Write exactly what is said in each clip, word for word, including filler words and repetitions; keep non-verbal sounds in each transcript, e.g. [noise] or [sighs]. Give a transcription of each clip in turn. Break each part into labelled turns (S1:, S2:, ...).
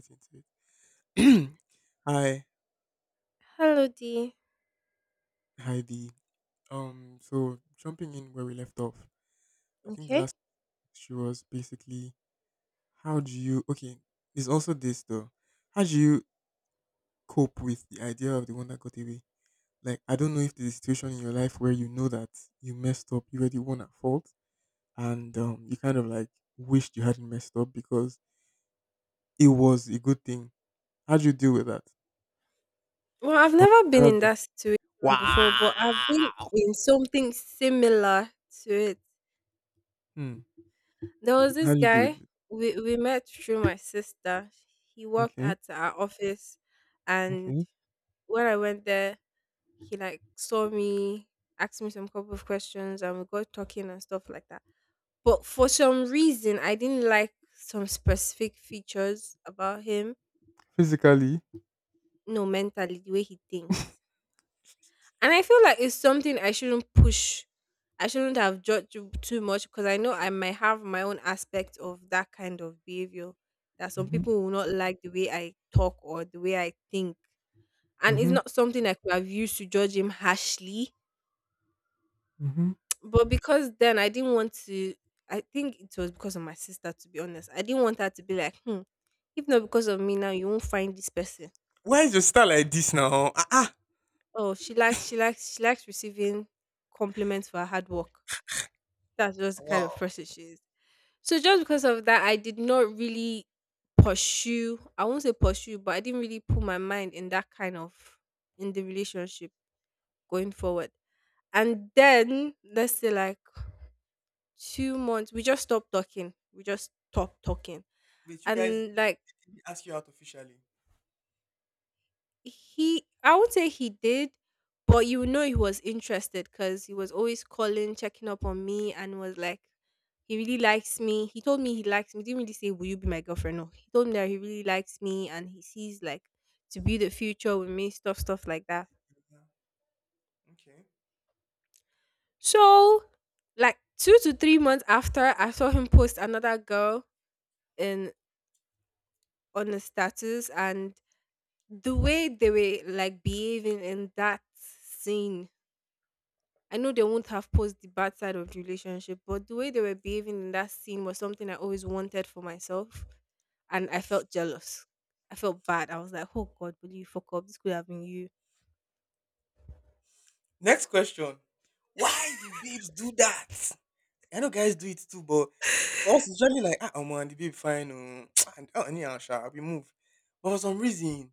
S1: Right into it. [clears throat] Hi,
S2: Hello, D.
S1: hi D. Um, so jumping in where we left off, I think the
S2: Okay.
S1: last issue was basically how do you okay, there's also this though. How do you cope with the idea of the one that got away? Like I don't know if there's a situation in your life where you know that you messed up, you were the one at fault, and um you kind of like wished you hadn't messed up because it was a good thing. How do you deal with that?
S2: Well, I've
S1: Or
S2: never been in
S1: therapy?
S2: that situation before,
S1: Wow.
S2: but I've been in something similar to it.
S1: Hmm.
S2: There was
S1: How
S2: this
S1: do you deal with
S2: guy
S1: it?
S2: we, we met through my sister. He worked
S1: Okay.
S2: at our office, and
S1: Okay.
S2: when I went there, he like saw me, asked me some couple of questions, and we got talking and stuff like that. But for some reason, I didn't like some specific features about him.
S1: Physically?
S2: No, mentally, the way he thinks. And I feel like it's something I shouldn't push. I shouldn't have judged you too much because I know I might have my own aspect of that kind of behavior that some
S1: Mm-hmm.
S2: people will not like the way I talk or the way I think. And it's
S1: Mm-hmm.
S2: not something I could have used to judge him harshly.
S1: Mm-hmm.
S2: But because then I didn't want to, I think it was because of my sister, to be honest. I didn't want her to be like, hmm, if not because of me now, you won't find this person.
S1: Why is your style like this now? Ah, ah.
S2: Oh, she likes, she likes, she likes receiving compliments for her hard work. That's just the kind
S1: Wow.
S2: of person she is. So just because of that, I did not really pursue. I won't say pursue, but I didn't really put my mind in that kind of in the relationship going forward. And then let's say like two months, we just stopped talking. We just stopped talking,
S1: Wait, you guys,
S2: and
S1: you,
S2: like.
S1: they did ask you out officially.
S2: He, I would say he did, but you know he was interested cuz he was always calling, checking up on me and was like he really likes me. He told me he likes me. He didn't really say will you be my girlfriend? No. He told me that he really likes me and he sees like to build a future with me, stuff stuff like that.
S1: Yeah. Okay.
S2: So, like two to three months after I saw him post another girl in on the status and the way they were like behaving in that scene, I know they won't have posed the bad side of the relationship, but the way they were behaving in that scene was something I always wanted for myself. And I felt jealous. I felt bad. I was like, oh God, will you fuck up? This could have been you.
S1: Next question. Why do babes do that? I know guys do it too, but
S2: [laughs]
S1: for us, it's usually like, ah, I'm on the babe, fine. Um, [tsk] and oh, anyhow, sha, we move. But for some reason,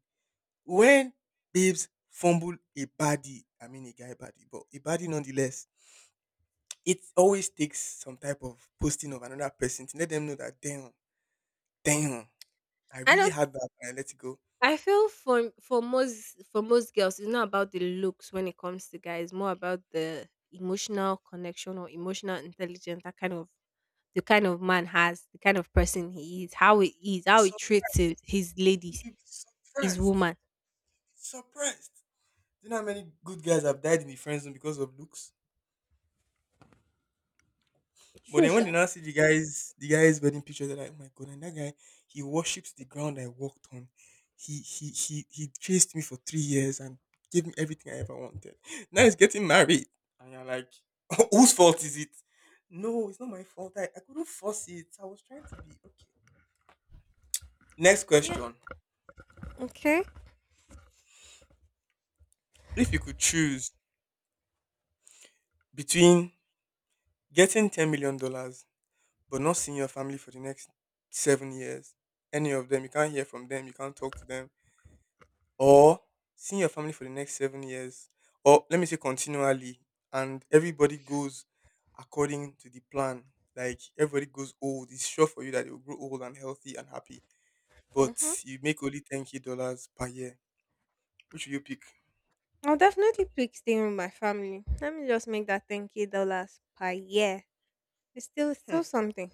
S1: when babes fumble a body, I mean, a guy body, but a body nonetheless, it always takes some type of posting of another person to let them know that, damn, Damn, I
S2: I
S1: really
S2: don't
S1: had that and I let it go.
S2: I feel for for most for most girls, it's not about the looks when it comes to guys, more about the emotional connection or emotional intelligence, that kind of the kind of man has, the kind of person he is, how he is, how he
S1: Some
S2: treats his, his ladies,
S1: people be
S2: his
S1: surprised.
S2: woman.
S1: Surprised. Do you know how many good guys have died in the friend zone because of looks? But then when they now see the guys, the guys' wedding pictures, they're like, oh my god. And that guy, he worships the ground I walked on. He he he he chased me for three years and gave me everything I ever wanted. Now he's getting married. And you're like, [laughs] whose fault is it? No, it's not my fault. I, I couldn't force it. I was trying to be okay. Next
S2: Yeah.
S1: question.
S2: Okay.
S1: If you could choose between getting ten million dollars but not seeing your family for the next seven years, any of them, you can't hear from them, you can't talk to them, or seeing your family for the next seven years, or let me say continually, and everybody goes according to the plan. Like everybody goes old, it's sure for you that you'll grow old and healthy and happy, but
S2: Mhm.
S1: you make only ten k dollars per year. Which will you pick?
S2: I'll definitely pick staying with my family. Let me just make that ten k dollars per year. It's still it's
S1: Hmm.
S2: still something.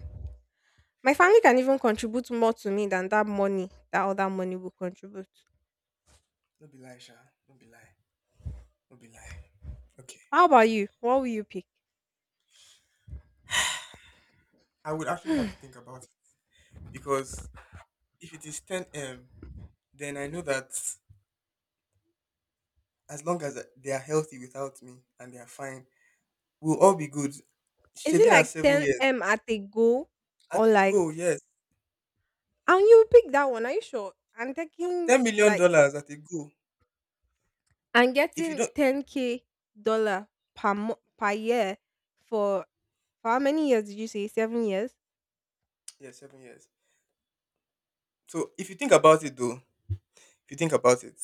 S2: My family can even contribute more to me than that money, that other money will contribute.
S1: Don't be lie, Sha. Don't be lie. Don't be lie. Okay.
S2: How about you? What will you pick?
S1: I would actually have to think about it because if it is 10 m then I know that as long as they are healthy without me and they are fine, we'll all be good.
S2: Is it
S1: Shaving at
S2: like
S1: seven
S2: ten
S1: years
S2: m at a go,
S1: at
S2: or
S1: a go,
S2: like
S1: yes,
S2: and you pick that one? Are you sure? I'm taking
S1: ten million
S2: like
S1: dollars at a go.
S2: I'm
S1: If you
S2: getting
S1: don't,
S2: ten k dollar per mo- per year for, for how many years did you say? Seven years.
S1: [tsk] yeah, seven years. So if you think about it, though, if you think about it,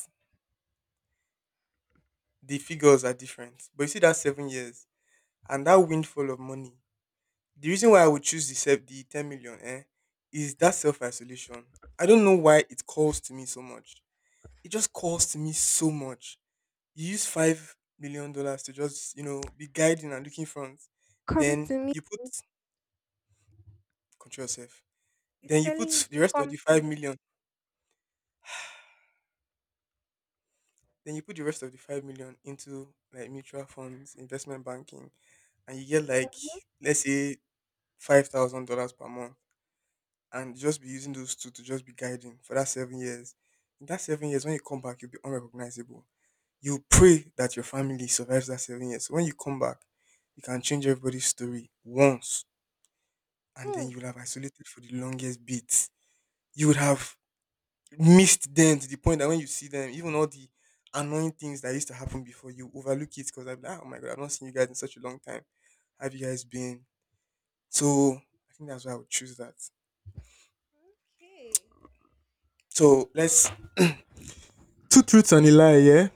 S1: the figures are different. But you see that seven years and that windfall of money. The reason why I would choose the se- the ten million, eh, is that self isolation. I don't know why it calls to me so much. It just calls to me so much. You use five million dollars to just you know be guiding and looking front,
S2: Come
S1: then
S2: to me.
S1: you put control yourself,
S2: It's
S1: then you put
S2: telling you
S1: the
S2: to
S1: rest of
S2: come
S1: the
S2: to
S1: five
S2: me.
S1: million then you put the rest of the five million into like mutual funds investment banking, and you get, like, let's say five thousand dollars per month and just be using those two to just be guiding for that seven years. In that seven years, when you come back you'll be unrecognizable. You pray that your family survives that seven years so when you come back you can change everybody's story once, and then
S2: Mm.
S1: you will have isolated for the longest bit. You would have missed them to the point that when you see them, even all the annoying things that used to happen before, you overlook it because I'm like, oh my god, I've not seen you guys in such a long time. Have you guys been? So I think that's why I would choose that.
S2: Okay.
S1: So
S2: Wow.
S1: let's two truths and a lie. Yeah,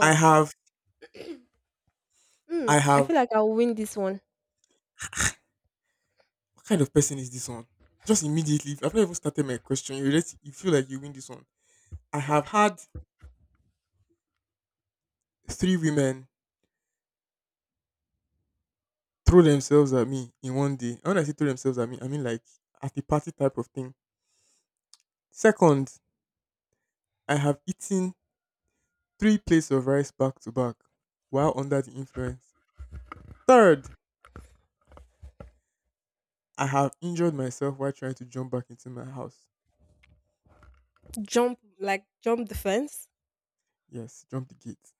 S1: I have,
S2: Hmm.
S1: I
S2: I
S1: have.
S2: feel like I'll win this one.
S1: What kind of person is this one? Just immediately, I've not even started my question. You just you feel like you win this one. I have had three women throw themselves at me in one day. And when I say throw themselves at me, I mean like at the party type of thing. Second, I have eaten three plates of rice back to back while under the influence. Third, I have injured myself while trying to jump back into my house.
S2: Jump, like jump the fence.
S1: Yes, jump the gate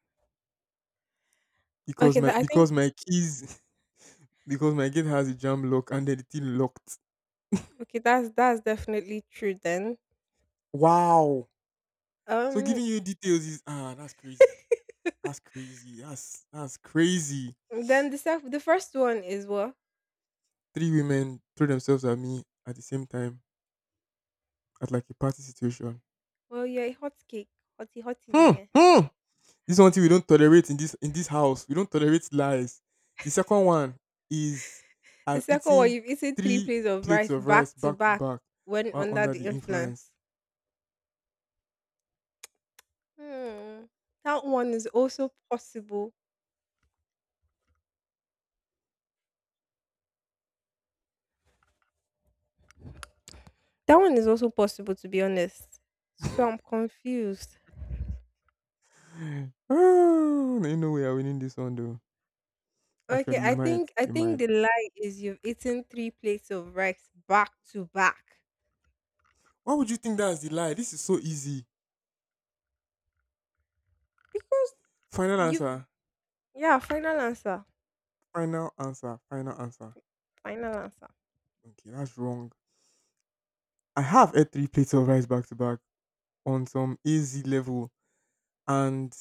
S1: because
S2: Okay,
S1: my
S2: that, I
S1: because
S2: think.
S1: my keys [laughs] because my gate has a jam lock and then the thing locked.
S2: Okay, that's that's definitely true. Then,
S1: Wow! So
S2: um,
S1: giving you details is ah that's crazy. That's crazy. That's that's crazy.
S2: then the sec- the first one is what?
S1: Three women threw themselves at me at the same time at like a party situation.
S2: Well, you're a hot cake, hotty hotty,
S1: Hmm,
S2: yeah.
S1: hmm. This is one thing we don't tolerate in this in this house. We don't tolerate lies. The second one is
S2: The
S1: I've
S2: second one,
S1: eaten
S2: you've eaten three
S1: three
S2: plates of
S1: plates
S2: rice
S1: of rice
S2: back to
S1: back to
S2: back
S1: back
S2: when
S1: while
S2: under
S1: under
S2: the
S1: the influence.
S2: influence. Hmm. That one is also possible. That one is also possible, to be honest.
S1: [sighs] [laughs]
S2: So I'm confused.
S1: oh, ain't no way i winning this one though.
S2: Okay,
S1: Actually, you
S2: I
S1: might,
S2: think I
S1: you
S2: think
S1: might.
S2: the lie is you've eaten three plates of rice back to back
S1: Why would you think that's the lie? This is so easy.
S2: because
S1: Final
S2: you've
S1: answer.
S2: yeah. Final answer.
S1: Final answer. Final answer.
S2: Final answer.
S1: Okay, that's wrong. I have ate three plates of rice back to back on some easy level, and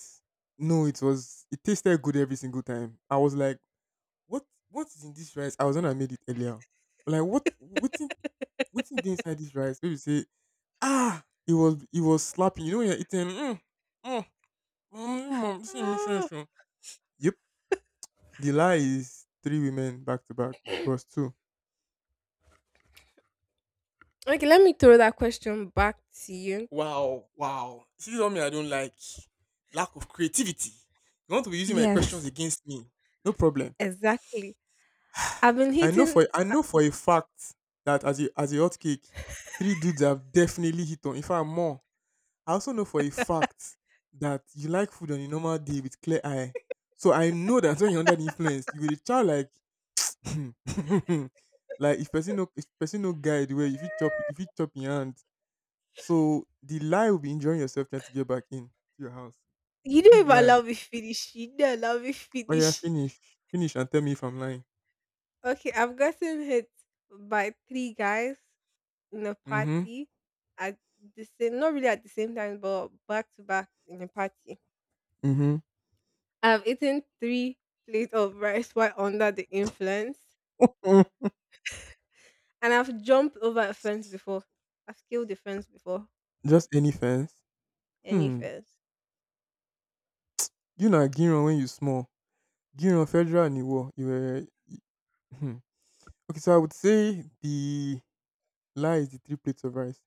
S1: no, it was it tasted good every single time. I was like, what what is in this rice? I was the one. I made it earlier. But, like, what what's in what's in inside this rice? Maybe say, ah it was it was slapping. You know when you're eating mm, mm, mm, mm, mm, this thing is so
S2: Ah.
S1: strong." Yep. The lie is three women back to back. It was two.
S2: Okay, let me throw that question back to you.
S1: Wow, wow. This is something I don't like. Lack of creativity. You want to be using my questions
S2: Yes.
S1: against me. No problem.
S2: Exactly. I've been
S1: I know
S2: hitting.
S1: for I know for a fact that as a as a hot cake, three dudes have definitely hit on. In fact, more. I also know for a fact that you like food on a normal day with clear eye. So I know that [laughs] when you're under the influence, you will dey chow like [laughs] like if person no if person no guide well, if you chop if you chop your hand. So the lie will be enjoying yourself trying to get back in to your house.
S2: You don't
S1: Big
S2: even
S1: lie.
S2: allow me finish. You don't allow me
S1: Oh
S2: finish.
S1: yeah, finish. Finish and tell me if I'm lying.
S2: Okay, I've gotten hit by three guys in a
S1: Mm-hmm.
S2: party at the same, not really at the same time, but back to back in a party.
S1: Mm-hmm.
S2: I've eaten three plates of rice while under the influence, and I've jumped over a fence before. I've killed a fence before,
S1: [laughs] Just any fence.
S2: any
S1: Hmm.
S2: fence.
S1: You know, Giron when you small, Giron Federal and Iwo, you were hmm. Okay, so I would say the lie is the three plates of rice.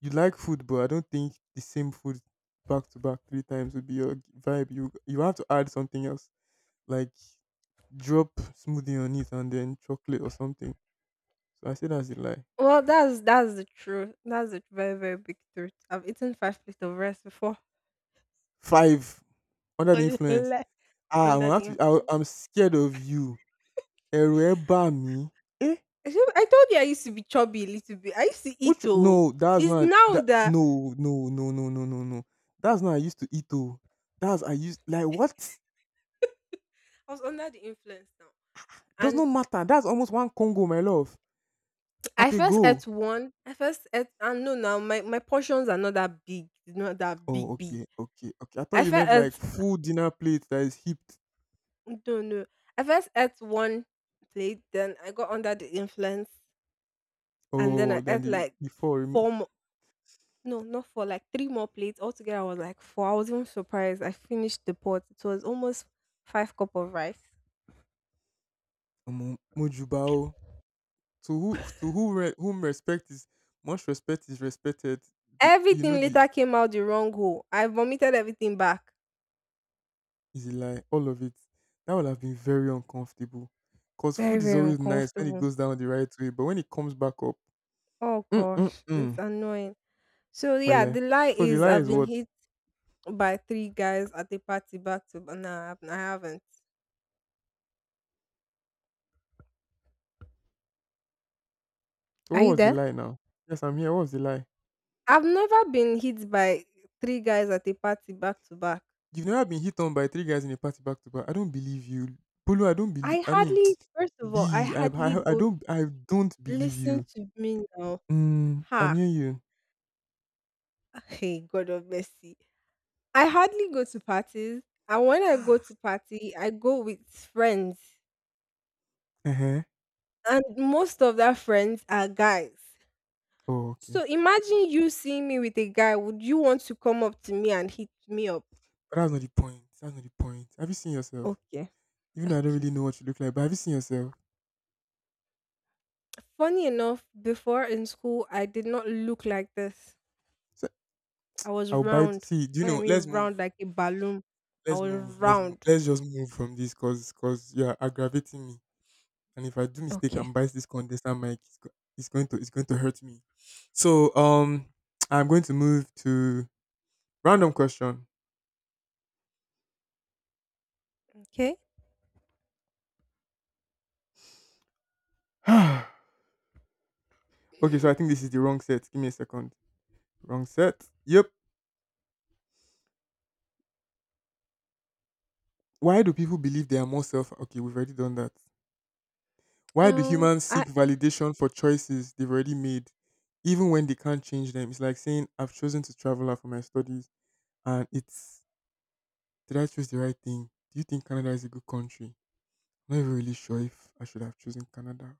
S1: You like food, but I don't think the same food back to back three times would be your vibe. You you have to add something else, like drop smoothie on it and then chocolate or something. So I say that's a lie.
S2: Well, that's that's the truth. That's a very very big truth. I've eaten five plates of rice before.
S1: Five under the
S2: [laughs]
S1: influence.
S2: Ole,
S1: Ah, I'm
S2: under
S1: gonna
S2: the
S1: have to.
S2: influence.
S1: I, I'm scared of you. Ẹ̀rù ẹ̀ bà mí. Eh?
S2: I should- I told you I used to be chubby a little bit. I used to eat
S1: Which
S2: though.
S1: no, that's
S2: It's
S1: not
S2: now
S1: that,
S2: that
S1: no, no, no, no, no, no, no. That's not I used to eat though. That's I used like what?
S2: I was under the influence now.
S1: Does not
S2: And
S1: matter. That's almost one Congo, my love.
S2: I
S1: At a
S2: first ate
S1: go.
S2: one. I first ate and no now my, my portions are not that big. It's not that
S1: Oh,
S2: big big.
S1: okay, okay, okay. I thought
S2: I
S1: you
S2: first
S1: meant like
S2: ate.
S1: full dinner plate that is heaped.
S2: Don't know. I first ate one plate, then I got under the influence, and then
S1: Oh,
S2: I
S1: then
S2: ate
S1: the
S2: like
S1: the four remain.
S2: four more. No, not four, like three more plates. Altogether, I was like four. I was even surprised. I finished the pot. It was almost five cup of rice.
S1: Omo, Mojuba oh. To who to who re, whom respect is much respect is respected. The, you
S2: Everything
S1: know the
S2: later came out the wrong hole. I vomited everything back.
S1: is a lie. All of it. That would have been very uncomfortable. Because
S2: Very,
S1: food is
S2: very
S1: always nice when it
S2: uncomfortable.
S1: goes down the right way, but when it comes back up,
S2: Oh gosh, it's
S1: mm-mm-mm.
S2: annoying. So yeah,
S1: Well,
S2: the lie
S1: so the
S2: is
S1: lie
S2: I've
S1: is
S2: been
S1: what?
S2: hit by three guys at a party back to, but nah, I haven't.
S1: So
S2: Are
S1: what
S2: you
S1: was the
S2: there?
S1: lie now? Yes, I'm here. What was the lie?
S2: I've never been hit by three guys at a party back to back.
S1: You've never been hit on by three guys in a party back to back. I don't believe you. Polo, I don't believe.
S2: I
S1: I mean,
S2: hardly first
S1: [tsk]
S2: of all, I
S1: B, I,
S2: hardly
S1: I, I
S2: go
S1: don't, I don't believe
S2: listen
S1: you.
S2: to me now.
S1: Mm, I'm
S2: Ha!
S1: hearing you.
S2: [laughs] Hey, God of mercy. I hardly go to parties, and when I go
S1: [sighs]
S2: to party, I go with friends,
S1: Uh-huh.
S2: and most of that friends are guys.
S1: Oh, okay.
S2: So imagine you seeing me with a guy, would you want to come up to me and hit me up?
S1: But that's not the point. That's not the point. Have you seen yourself?
S2: Okay,
S1: Even though I don't
S2: okay.
S1: really know what you look like, but have you seen yourself?
S2: Funny enough, before in school, I did not look like this.
S1: So
S2: I was
S1: I'll bite.
S2: round.
S1: See, do you
S2: When I
S1: know?
S2: mean
S1: Let's
S2: round,
S1: move.
S2: like a balloon, I
S1: Let's
S2: was
S1: move. Let's move.
S2: round.
S1: Let's just move from this, cause, cause you are aggravating me. And if I do mistake and
S2: Okay.
S1: bite this condenser mic, it's, go- it's going to, it's going to hurt me. So, um, I'm going to move to random question.
S2: Okay.
S1: [sighs] okay, so I think this is the wrong set. Give me a second. Wrong set. Yep. Why do people believe they are more self? Okay, we've already done that. Why do
S2: Um,
S1: humans
S2: I
S1: seek validation for choices they've already made, even when they can't change them? It's like saying, "I've chosen to travel out for my studies." And it's did I choose the right thing? Do you think Canada is a good country? I'm not even really sure if I should have chosen Canada.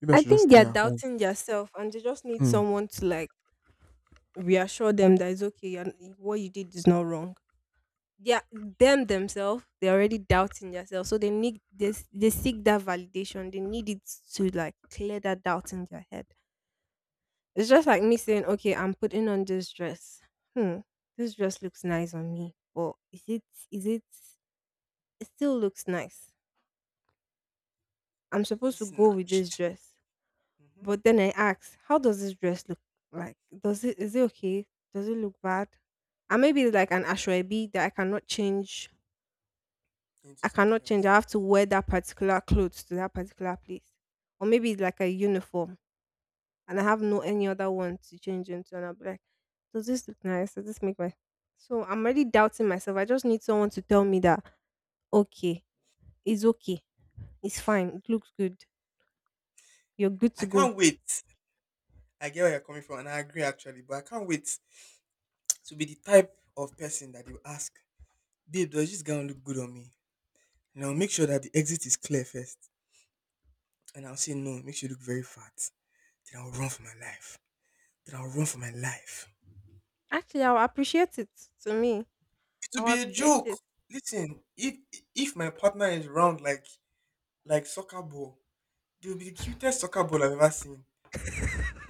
S1: Maybe I
S2: I
S1: should just
S2: think they
S1: stay
S2: are
S1: at home.
S2: doubting themselves, and they just need
S1: Hmm.
S2: someone to like reassure them that it's okay, and what you did is not wrong. Yeah, them themselves, they're already doubting themselves, so they need this. They seek that validation. They need it to like clear that doubt in their head. It's just like me saying, "Okay, I'm putting on this dress. Hmm, this dress looks nice on me, but is it? Is it? It still looks nice. I'm
S1: Is it
S2: supposed to go with this
S1: snatched
S2: dress.
S1: hmm
S2: But then I asked, how does this dress look like? Does it is it okay? Does it look bad? And maybe it's like an ashwabi that I cannot change.
S1: into
S2: I
S1: something
S2: cannot change.
S1: else?
S2: I have to wear that particular clothes to that particular place. Or maybe it's like a uniform and I have no any other one to change into. And I'll be like, does this look nice? Does this make my so I'm already doubting myself. I just need someone to tell me that okay, it's okay, it's fine, it looks good, you're good
S1: I
S2: to go.
S1: can't wait. I get where you're coming from, and I agree actually, but I can't wait to be the type of person that you ask, babe, does this gown look good on me? And I'll make sure that the exit is clear first. And I'll say no, it makes you look very fat. Then I'll run for my life. Then I'll run for my life.
S2: Actually, I'll appreciate it to me.
S1: It will
S2: I'll
S1: be a
S2: appreciate
S1: joke.
S2: it.
S1: Listen, if if my partner is round like like soccer ball, they will be the cutest soccer ball I've ever seen.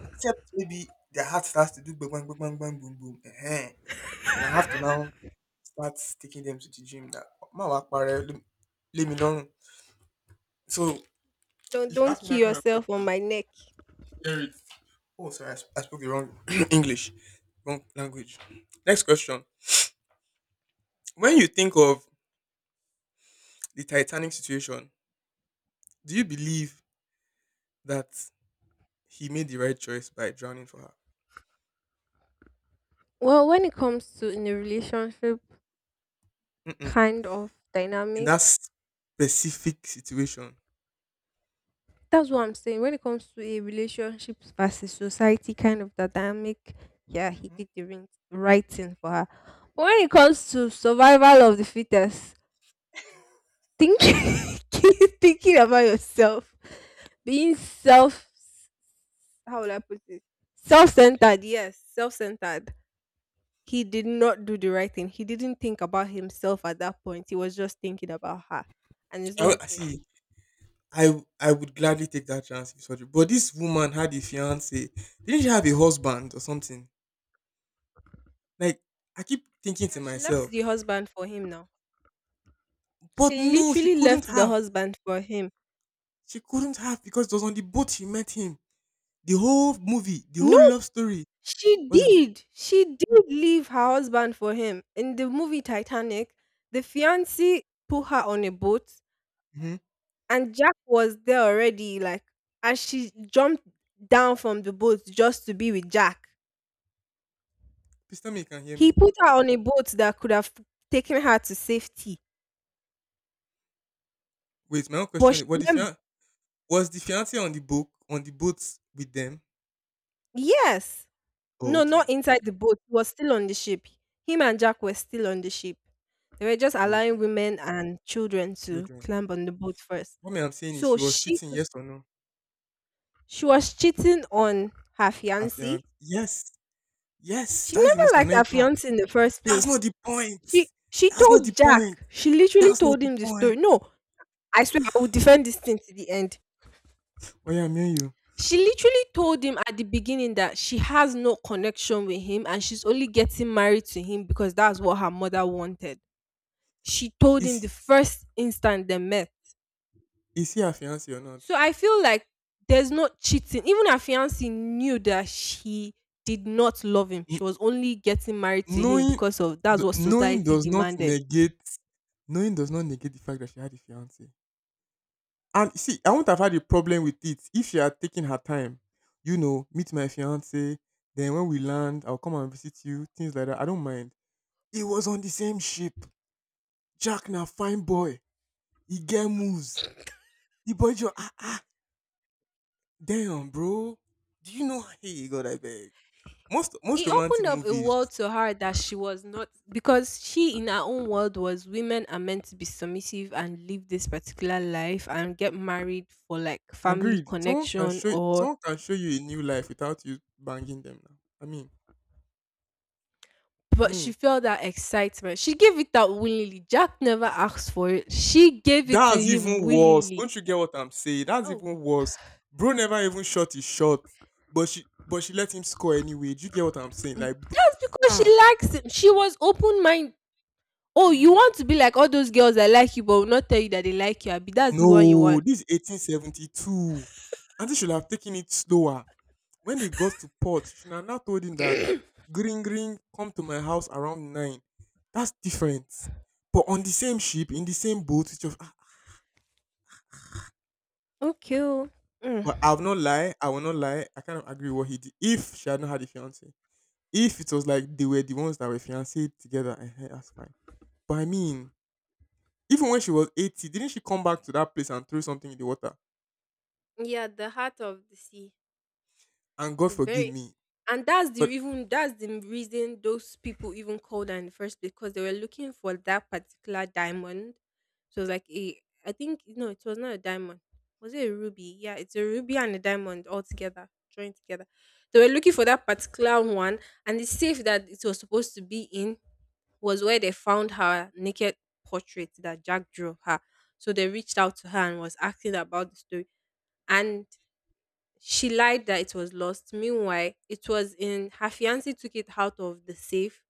S1: Except maybe their heart starts to do bang bang bang bang boom boom. uh Then I have to now start taking them to the gym. That my work pare, let me let me know. So
S2: Don't
S1: if you
S2: don't
S1: ask me
S2: kill
S1: that kind of
S2: yourself on
S1: question,
S2: my neck.
S1: hear it. Oh, sorry, I, sp- I spoke the wrong [clears throat] English, wrong language. Next question: when you think of the Titanic situation, do you believe that he made the right choice by drowning for her?
S2: Well, when it comes to in a relationship
S1: Mm-mm.
S2: kind of
S1: In
S2: dynamic,
S1: that specific situation,
S2: that's what I'm saying. When it comes to a relationship versus society kind of dynamic, yeah, he
S1: mhm.
S2: did the rin- right thing for her. But when it comes to survival of the fittest, thinking [laughs] keep thinking about yourself, being self how will I put it? Self centered, yes, self centered. He did not do the right thing. He didn't think about himself at that point. He was just thinking about her. And it's
S1: I
S2: not
S1: w-
S2: good.
S1: see. I w- I would gladly take that chance if surgery. But this woman had a fiance. Didn't she have a husband or something? Like, I keep thinking to
S2: Yeah, she left the
S1: myself,
S2: husband for him now.
S1: but
S2: She
S1: no, she
S2: literally
S1: couldn't
S2: left the
S1: have.
S2: husband for him.
S1: She couldn't have because it was on the boat she met him. The whole movie, the
S2: No,
S1: whole love story
S2: she
S1: was.
S2: did. She did leave her husband for him. In the movie Titanic, the fiance put her on a boat
S1: Mm-hmm.
S2: and Jack was there already, like, and she jumped down from the boat just to be with Jack.
S1: Please tell me you can hear
S2: He
S1: me.
S2: put her on a boat that could have taken her to safety.
S1: Wait, my own
S2: But
S1: question
S2: she
S1: is: Was the
S2: went
S1: fian- was the fiance on the boat on the boat with them?
S2: Yes.
S1: Oh,
S2: No, not
S1: okay,
S2: inside
S1: okay.
S2: the boat. He was still on the ship. Him and Jack were still on the ship. They were just allowing
S1: Okay.
S2: women and children to
S1: Children.
S2: climb on the boat first.
S1: What me I'm saying is
S2: So
S1: she was
S2: she
S1: cheating, yes or no?
S2: she was cheating on her
S1: Her
S2: fiancé.
S1: fiance. Yes. Yes.
S2: She
S1: That's the
S2: never
S1: most
S2: liked her
S1: annoying part.
S2: fiancé in the first
S1: That's
S2: place.
S1: not the point.
S2: She she
S1: That's not the
S2: told
S1: point.
S2: Jack. She literally
S1: That's not
S2: told
S1: the
S2: him the
S1: point.
S2: story. No, I swear I will defend this thing to the end.
S1: Why am hearing you?
S2: She literally told him at the beginning that she has no connection with him and she's only getting married to him because that's what her mother wanted. She told him
S1: Is he,
S2: the first instant they met.
S1: is he her fiance or not?
S2: So I feel like there's no cheating. Even her fiance knew that she did not love him.
S1: N-
S2: She was only getting married to him
S1: knowing
S2: because of that's
S1: the,
S2: what
S1: knowing
S2: society
S1: does not
S2: demanded.
S1: negate knowing does not negate the fact that she had a fiance. And see, I wouldn't have had a problem with it if she had taken her time. You know, meet my fiance, then when we land, I'll come and visit you, things like that. I don't mind. He was on the same ship. Jack na fine boy. He get moves. The boy just ah ah damn bro. Do you know hey God I beg. Most most
S2: It
S1: romantic
S2: opened up a world
S1: movies
S2: to her that she was not, because she in her own world was women are meant to be submissive and live this particular life and get married for like family
S1: agreed. Someone can
S2: connection
S1: show
S2: or
S1: someone can show you a new life without you banging them now. I mean. I
S2: but she
S1: mean
S2: felt that excitement. She gave it out willingly. Jack never asked for it. She gave it to
S1: that's
S2: him
S1: even worse.
S2: willingly.
S1: Don't you get what I'm saying? That's
S2: Oh,
S1: even worse. Bro never even shot his shot, but she but she let him score anyway. Do you get what I'm saying? Like bro,
S2: that's because she
S1: ah.
S2: likes him. She was open minded. Oh, you want to
S1: Ah.
S2: be like all those girls that like you but will not tell you that they like you, Abi. That's the one you
S1: No,
S2: want.
S1: this is eighteen seventy-two. Auntie should have taken it slower. When they got to port, she should have now told him that green green come to my house around nine. That's different. But on the same ship, in the same boat, it's just ah, ah.
S2: Okay. Oh. Mm.
S1: But I will not lie, I will not lie. I kind of agree with what he did. If she had not had a fiance, if it was like they were the ones that were fiancé together, eh, that's fine. But I mean, even when she was eighty, didn't she come back to that place and throw something in the water?
S2: Yeah, the heart of the sea.
S1: And God
S2: The
S1: forgive
S2: very
S1: me.
S2: and that's the
S1: But
S2: even that's the reason those people even called her in the first place, because they were looking for that particular diamond. So it was like a I think no, it was not a diamond. Was it a ruby? Yeah, it's a ruby and a diamond all together, joined together. They were looking for that particular one, and the safe that it was supposed to be in was where they found her naked portrait that Jack drew of her. So they reached out to her and was asking about the story. And she lied that it was lost. Meanwhile, it was in her fiance took it out of the safe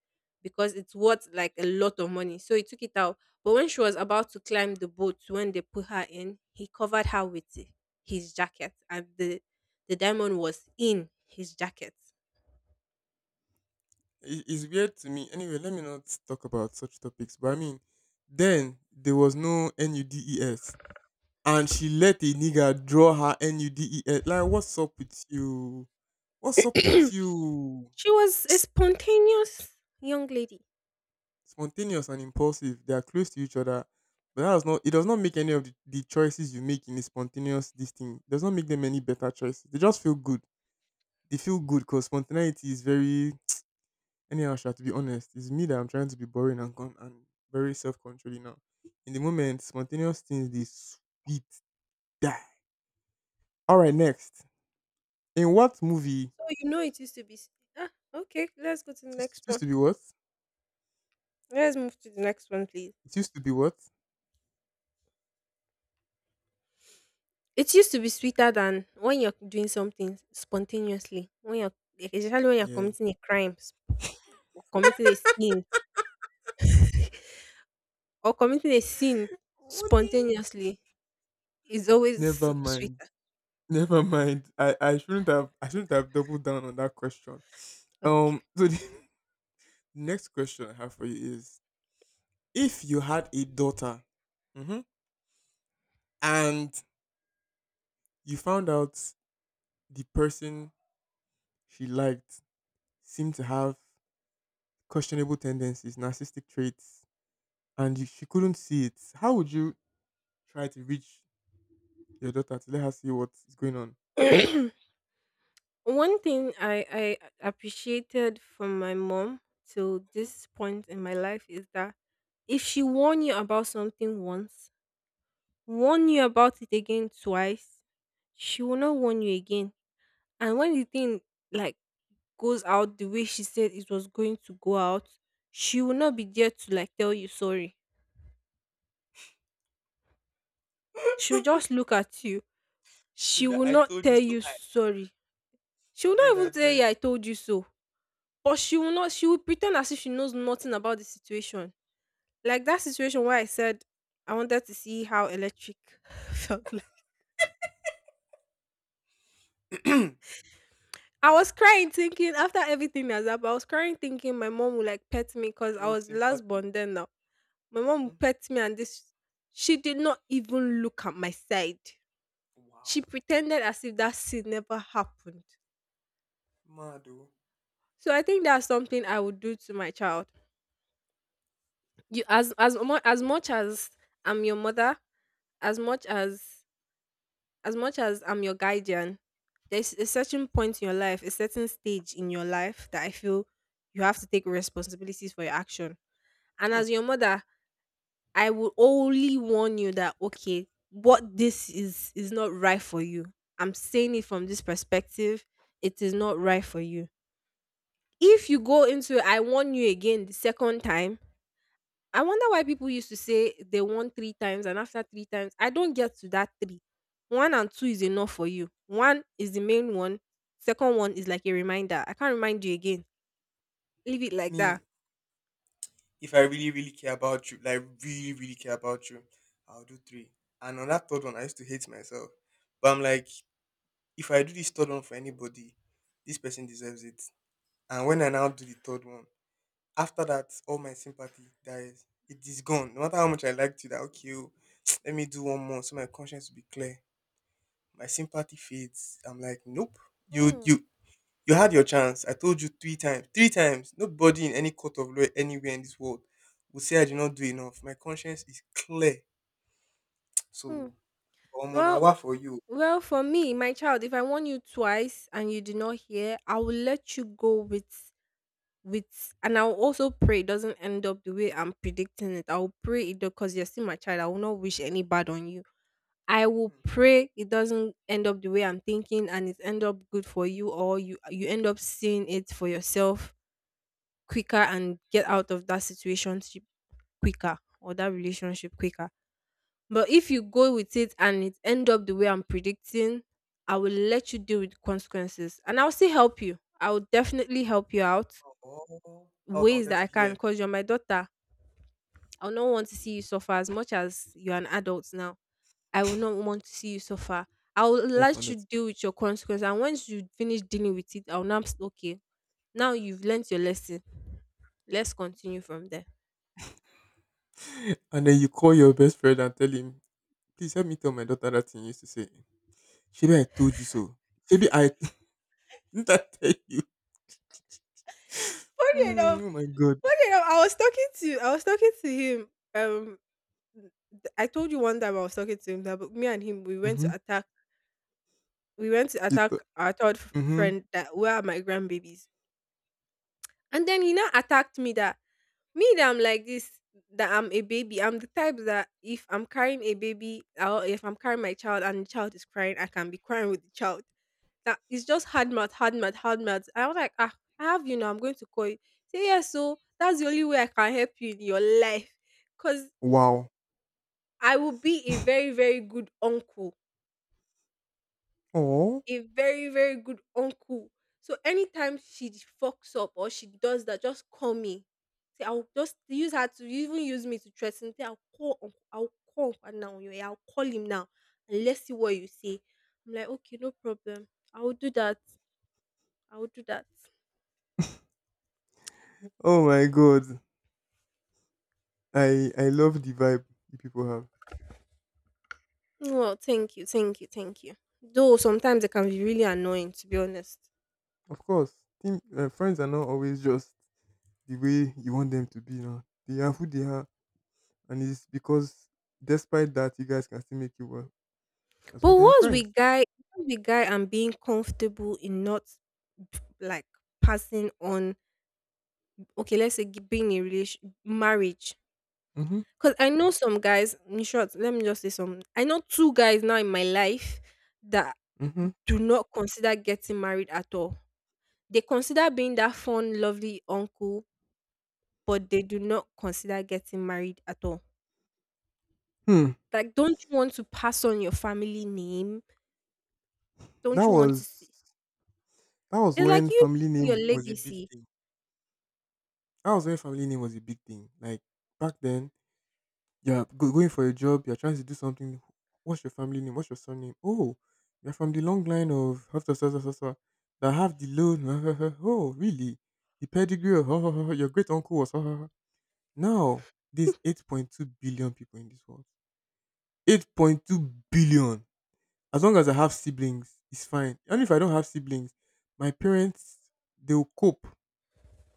S2: because it's worth like a lot of money. So he took it out. But when she was about to climb the boat, when they put her in, he covered her with his jacket, and the the diamond was in his jacket. [coughs]
S1: it- it's weird to me. Anyway, let me not talk about such topics. But I mean, then there was no NUDES, and she let a nigga draw her NUDES. Like, what's up with you? What's up with
S2: [clears throat]
S1: you?
S2: She was a
S1: [tsk]
S2: spontaneous young lady.
S1: Spontaneous and impulsive, they are close to each other, but that does not. It does not make any of the, the choices you make in a spontaneous this thing. It does not make them any better choices. They just feel good. They feel good because spontaneity is very. Anyhow, Sha, to be honest, it's me that I'm trying to be boring and con- and very self controlling now. In the moment, spontaneous things they sweet die. All right, next. In what movie?
S2: So you know it used to be. S- Ah, okay, let's go to the
S1: It used,
S2: next
S1: it used
S2: one.
S1: to be what?
S2: Let's move to the next one, please.
S1: It used to be what?
S2: It used to be sweeter than when you're doing something spontaneously, when you're like, especially when you're
S1: Yes.
S2: committing a crime s- or committing a sin or committing a sin
S1: What do you?
S2: spontaneously is always
S1: Never mind.
S2: sweeter.
S1: Never mind. I, I shouldn't have I shouldn't have doubled down on that question. Um.
S2: Okay.
S1: So the [laughs] next question I have for you is: if you had a daughter, mhm, and you found out the person she liked seemed to have questionable tendencies, narcissistic traits, and you, she couldn't see it. How would you try to reach your daughter to let her see what's going on?
S2: [clears throat] One thing I, I appreciated from my mom till
S1: Mhm.
S2: this point in my life is that if she warned you about something once, warn you about it again twice, she will not warn you again. And when the thing like goes out the way she said it was going to go out, she will not be there to like tell you sorry. She'll just look at you.
S1: With
S2: She
S1: that,
S2: will
S1: I
S2: not
S1: told you
S2: tell
S1: so.
S2: you
S1: I
S2: sorry. She will
S1: God,
S2: not
S1: I
S2: even say,
S1: beg.
S2: "Yeah, I told you so." But she will not, she will pretend as if she knows nothing about the situation. Like that situation where I said I wanted to see how electric [laughs] felt like.
S1: [clears throat]
S2: I was crying thinking after everything has happened, I was crying thinking my mom would like pet me because I
S1: Show
S2: was the last
S1: sympathy.
S2: born then now. My mom
S1: Hmm.
S2: pet me and this she did not even look at my side. She
S1: Wow,
S2: pretended as if that scene never happened.
S1: mad oh.
S2: So I think that's something I would do to my child. You as as much as much as I'm your mother, as much as as much as I'm your guardian, there's a certain point in your life, a certain stage in your life that I feel you have to take responsibilities for your action. And
S1: Hmm.
S2: as your mother, I will only warn you that okay, what this is is not right for you. I'm saying it from this perspective. It is not right for you. If you go into I warn you again the second time, I wonder why people used to say they warn three times and after three times, I don't get to that three. One and two is enough for you. One is the main one. Second one is like a reminder. I can't remind you again. Leave it like
S1: Me,
S2: that.
S1: if I really, really care about you, like really, really care about you, I'll do three. And on that third one, I used to hate myself. But I'm like, if I do this third one for anybody, this person deserves it. And when I now do the third one, after that, all my sympathy dies. It is gone. No matter how much I liked you, that okay, oh, [tsk] let me do one more so my conscience will be clear. My sympathy fades. I'm like, nope. You you
S2: Mm,
S1: you had your chance. I told you three times. Three times. Nobody in any court of law anywhere in this world will say I did not do enough. My conscience is clear. [tsk]
S2: hmm.
S1: So I'm on
S2: Well,
S1: hour for you.
S2: Well, for me, my child, if I warn you twice and you do not hear, I will let you go with with and I'll also pray it doesn't end up the way I'm predicting it. I'll pray it because you're still my child. I will not wish any bad on you. I will
S1: Hmm.
S2: pray it doesn't end up the way I'm thinking and it end up good for you, or you you end up seeing it for yourself quicker and get out of that situation quicker, or that relationship quicker. But if you go with it and it end up the way I'm predicting, I will let you deal with the consequences. And I'll still help you. I will definitely help you out
S1: Oh, that's what I
S2: ways
S1: wanted
S2: that
S1: to
S2: I
S1: hear.
S2: can
S1: That's
S2: because you're my daughter. I will not want to see you suffer as much as you're an adult now. I will not want to see you suffer. I will
S1: what I
S2: let
S1: wanted.
S2: you deal with your consequences. And once you finish dealing with it, I'll now s- okay. Now you've learnt your lesson. Let's continue from there.
S1: And then you call your best friend and tell him, please help me tell my daughter that thing you used to say. Maybe I told you so. Maybe I [laughs] didn't I tell you?
S2: Funny
S1: Mm,
S2: enough,
S1: oh my god.
S2: funny enough, I was talking to I was talking to him um th I told you one time I was talking to him that but me and him we went
S1: Mm-hmm.
S2: to attack we went to
S1: You thought.
S2: attack our third f
S1: Mm-hmm.
S2: friend that where are my grandbabies? And then he now attacked me that me that I'm like this, that I'm a baby. I'm the type that if I'm carrying a baby or if I'm carrying my child and the child is crying, I can be crying with the child. That it's just hard mouth, hard mouth, hard mouth. I was like, ah, I have you now. I'm going to call you. Say yes, so that's the only way I can help you in your life, cause
S1: Wow.
S2: I will be a very very good uncle,
S1: Oh.
S2: a very very good uncle so anytime she fucks up or she does that, just call me. Say, I'll just use her to even use me to threaten, say, I'll call uncle, i'll call uncle now. Yeah, I'll call him now and let's see what you say. I'm like, okay, no problem. I'll do that. i'll do that
S1: Oh my god. I I love the vibe you people have.
S2: well, thank you, thank you thank you Though sometimes it can be really annoying, to be honest.
S1: Of course, team uh, friends are not always just the way you want them to be. Now they are who they are, and it's because despite that, you guys can still make it work. That's why
S2: But
S1: they are
S2: what's
S1: friends.
S2: with guy what's with guy and being comfortable in not like passing on okay, let's say g- being in a relation marriage.
S1: Mm-hmm.
S2: Because I know some guys, in short, let me just say some. I know two guys now in my life that
S1: Mm-hmm.
S2: do not consider getting married at all. They consider being that fun, lovely uncle, but they do not consider getting married at all.
S1: Hmm.
S2: Like, don't you want to pass on your family name?
S1: That
S2: Don't you want to see?
S1: was that was
S2: It's
S1: when
S2: like you,
S1: family
S2: your
S1: name was a big
S2: legacy.
S1: thing. That was when family name was a big thing. Like back then, you're go- going for a job, you're trying to do something. What's your family name? What's your surname? Oh, you're from the long line of [laughs] of- of- of- of- of- that have the low. [laughs] Oh, really? The pedigree of [laughs] your great uncle was. [laughs] Now, there's eight point two billion people in this world. eight point two billion. As long as I have siblings, it's fine. And if I don't have siblings, my parents, they'll cope.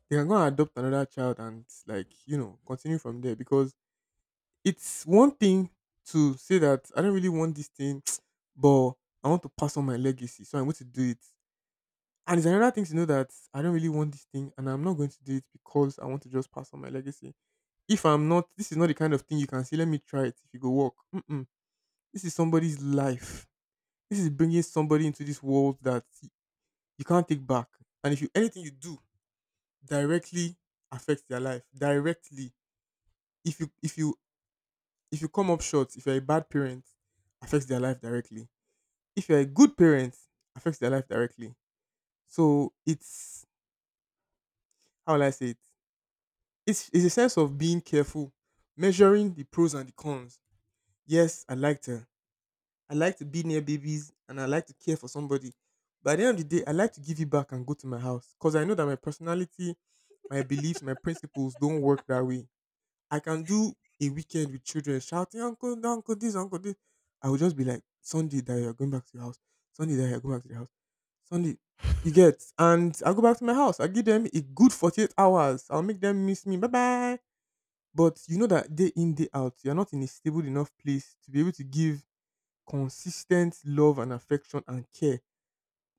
S1: They are going to adopt another child and, like, you know, continue from there because it's one thing to say that I don't really want this thing, [tsk] but I want to pass on my legacy, so I'm going to do it. And it's another thing to know that I don't really want this thing and I'm not going to do it because I want to just pass on my legacy. If I'm not, this is not the kind of thing you can say, let me try it if you go work. Mm-mm. This is somebody's life. This is bringing somebody into this world that you can't take back. And if you anything you do directly affects their life directly, if you if you if you come up short, if you're a bad parent, affects their life directly if you're a good parent, affects their life directly. So it's how will I say it? It's it's a sense of being careful, measuring the pros and the cons. Yes, I liked her. I like to be near babies and I like to care for somebody. But at the end of the day, I like to give it back and go to my house because I know that my personality, my beliefs, my principles don't work that way. I can do a weekend with children shouting, "Uncle, no, uncle, this, uncle, this." I would just be like, "Sunday that you're going back to your house. Sunday that you're going back to the house. Sunday." You get, and I go back to my house. I give them a good forty-eight hours. I'll make them miss me. Bye bye. But you know that day in, day out, you're not in a stable enough place to be able to give consistent love and affection and care.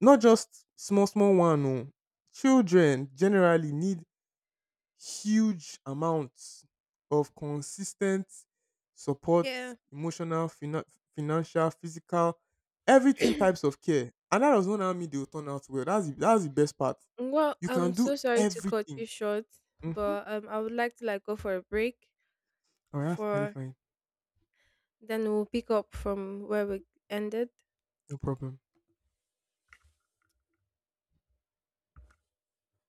S1: Not just small, small one. No. Children generally need huge amounts of consistent support,
S2: Yeah.
S1: emotional, fina- financial, physical, everything
S2: [clears throat]
S1: types of care. And that does not how me they will turn out well. That's the, that's the best part.
S2: Well,
S1: You can
S2: I'm
S1: do
S2: so sorry to cut
S1: everything.
S2: you short,
S1: Mm-hmm.
S2: but um, I would like to like go for a break
S1: All right, that's
S2: for
S1: terrifying.
S2: then we'll pick up from where we ended.
S1: No problem.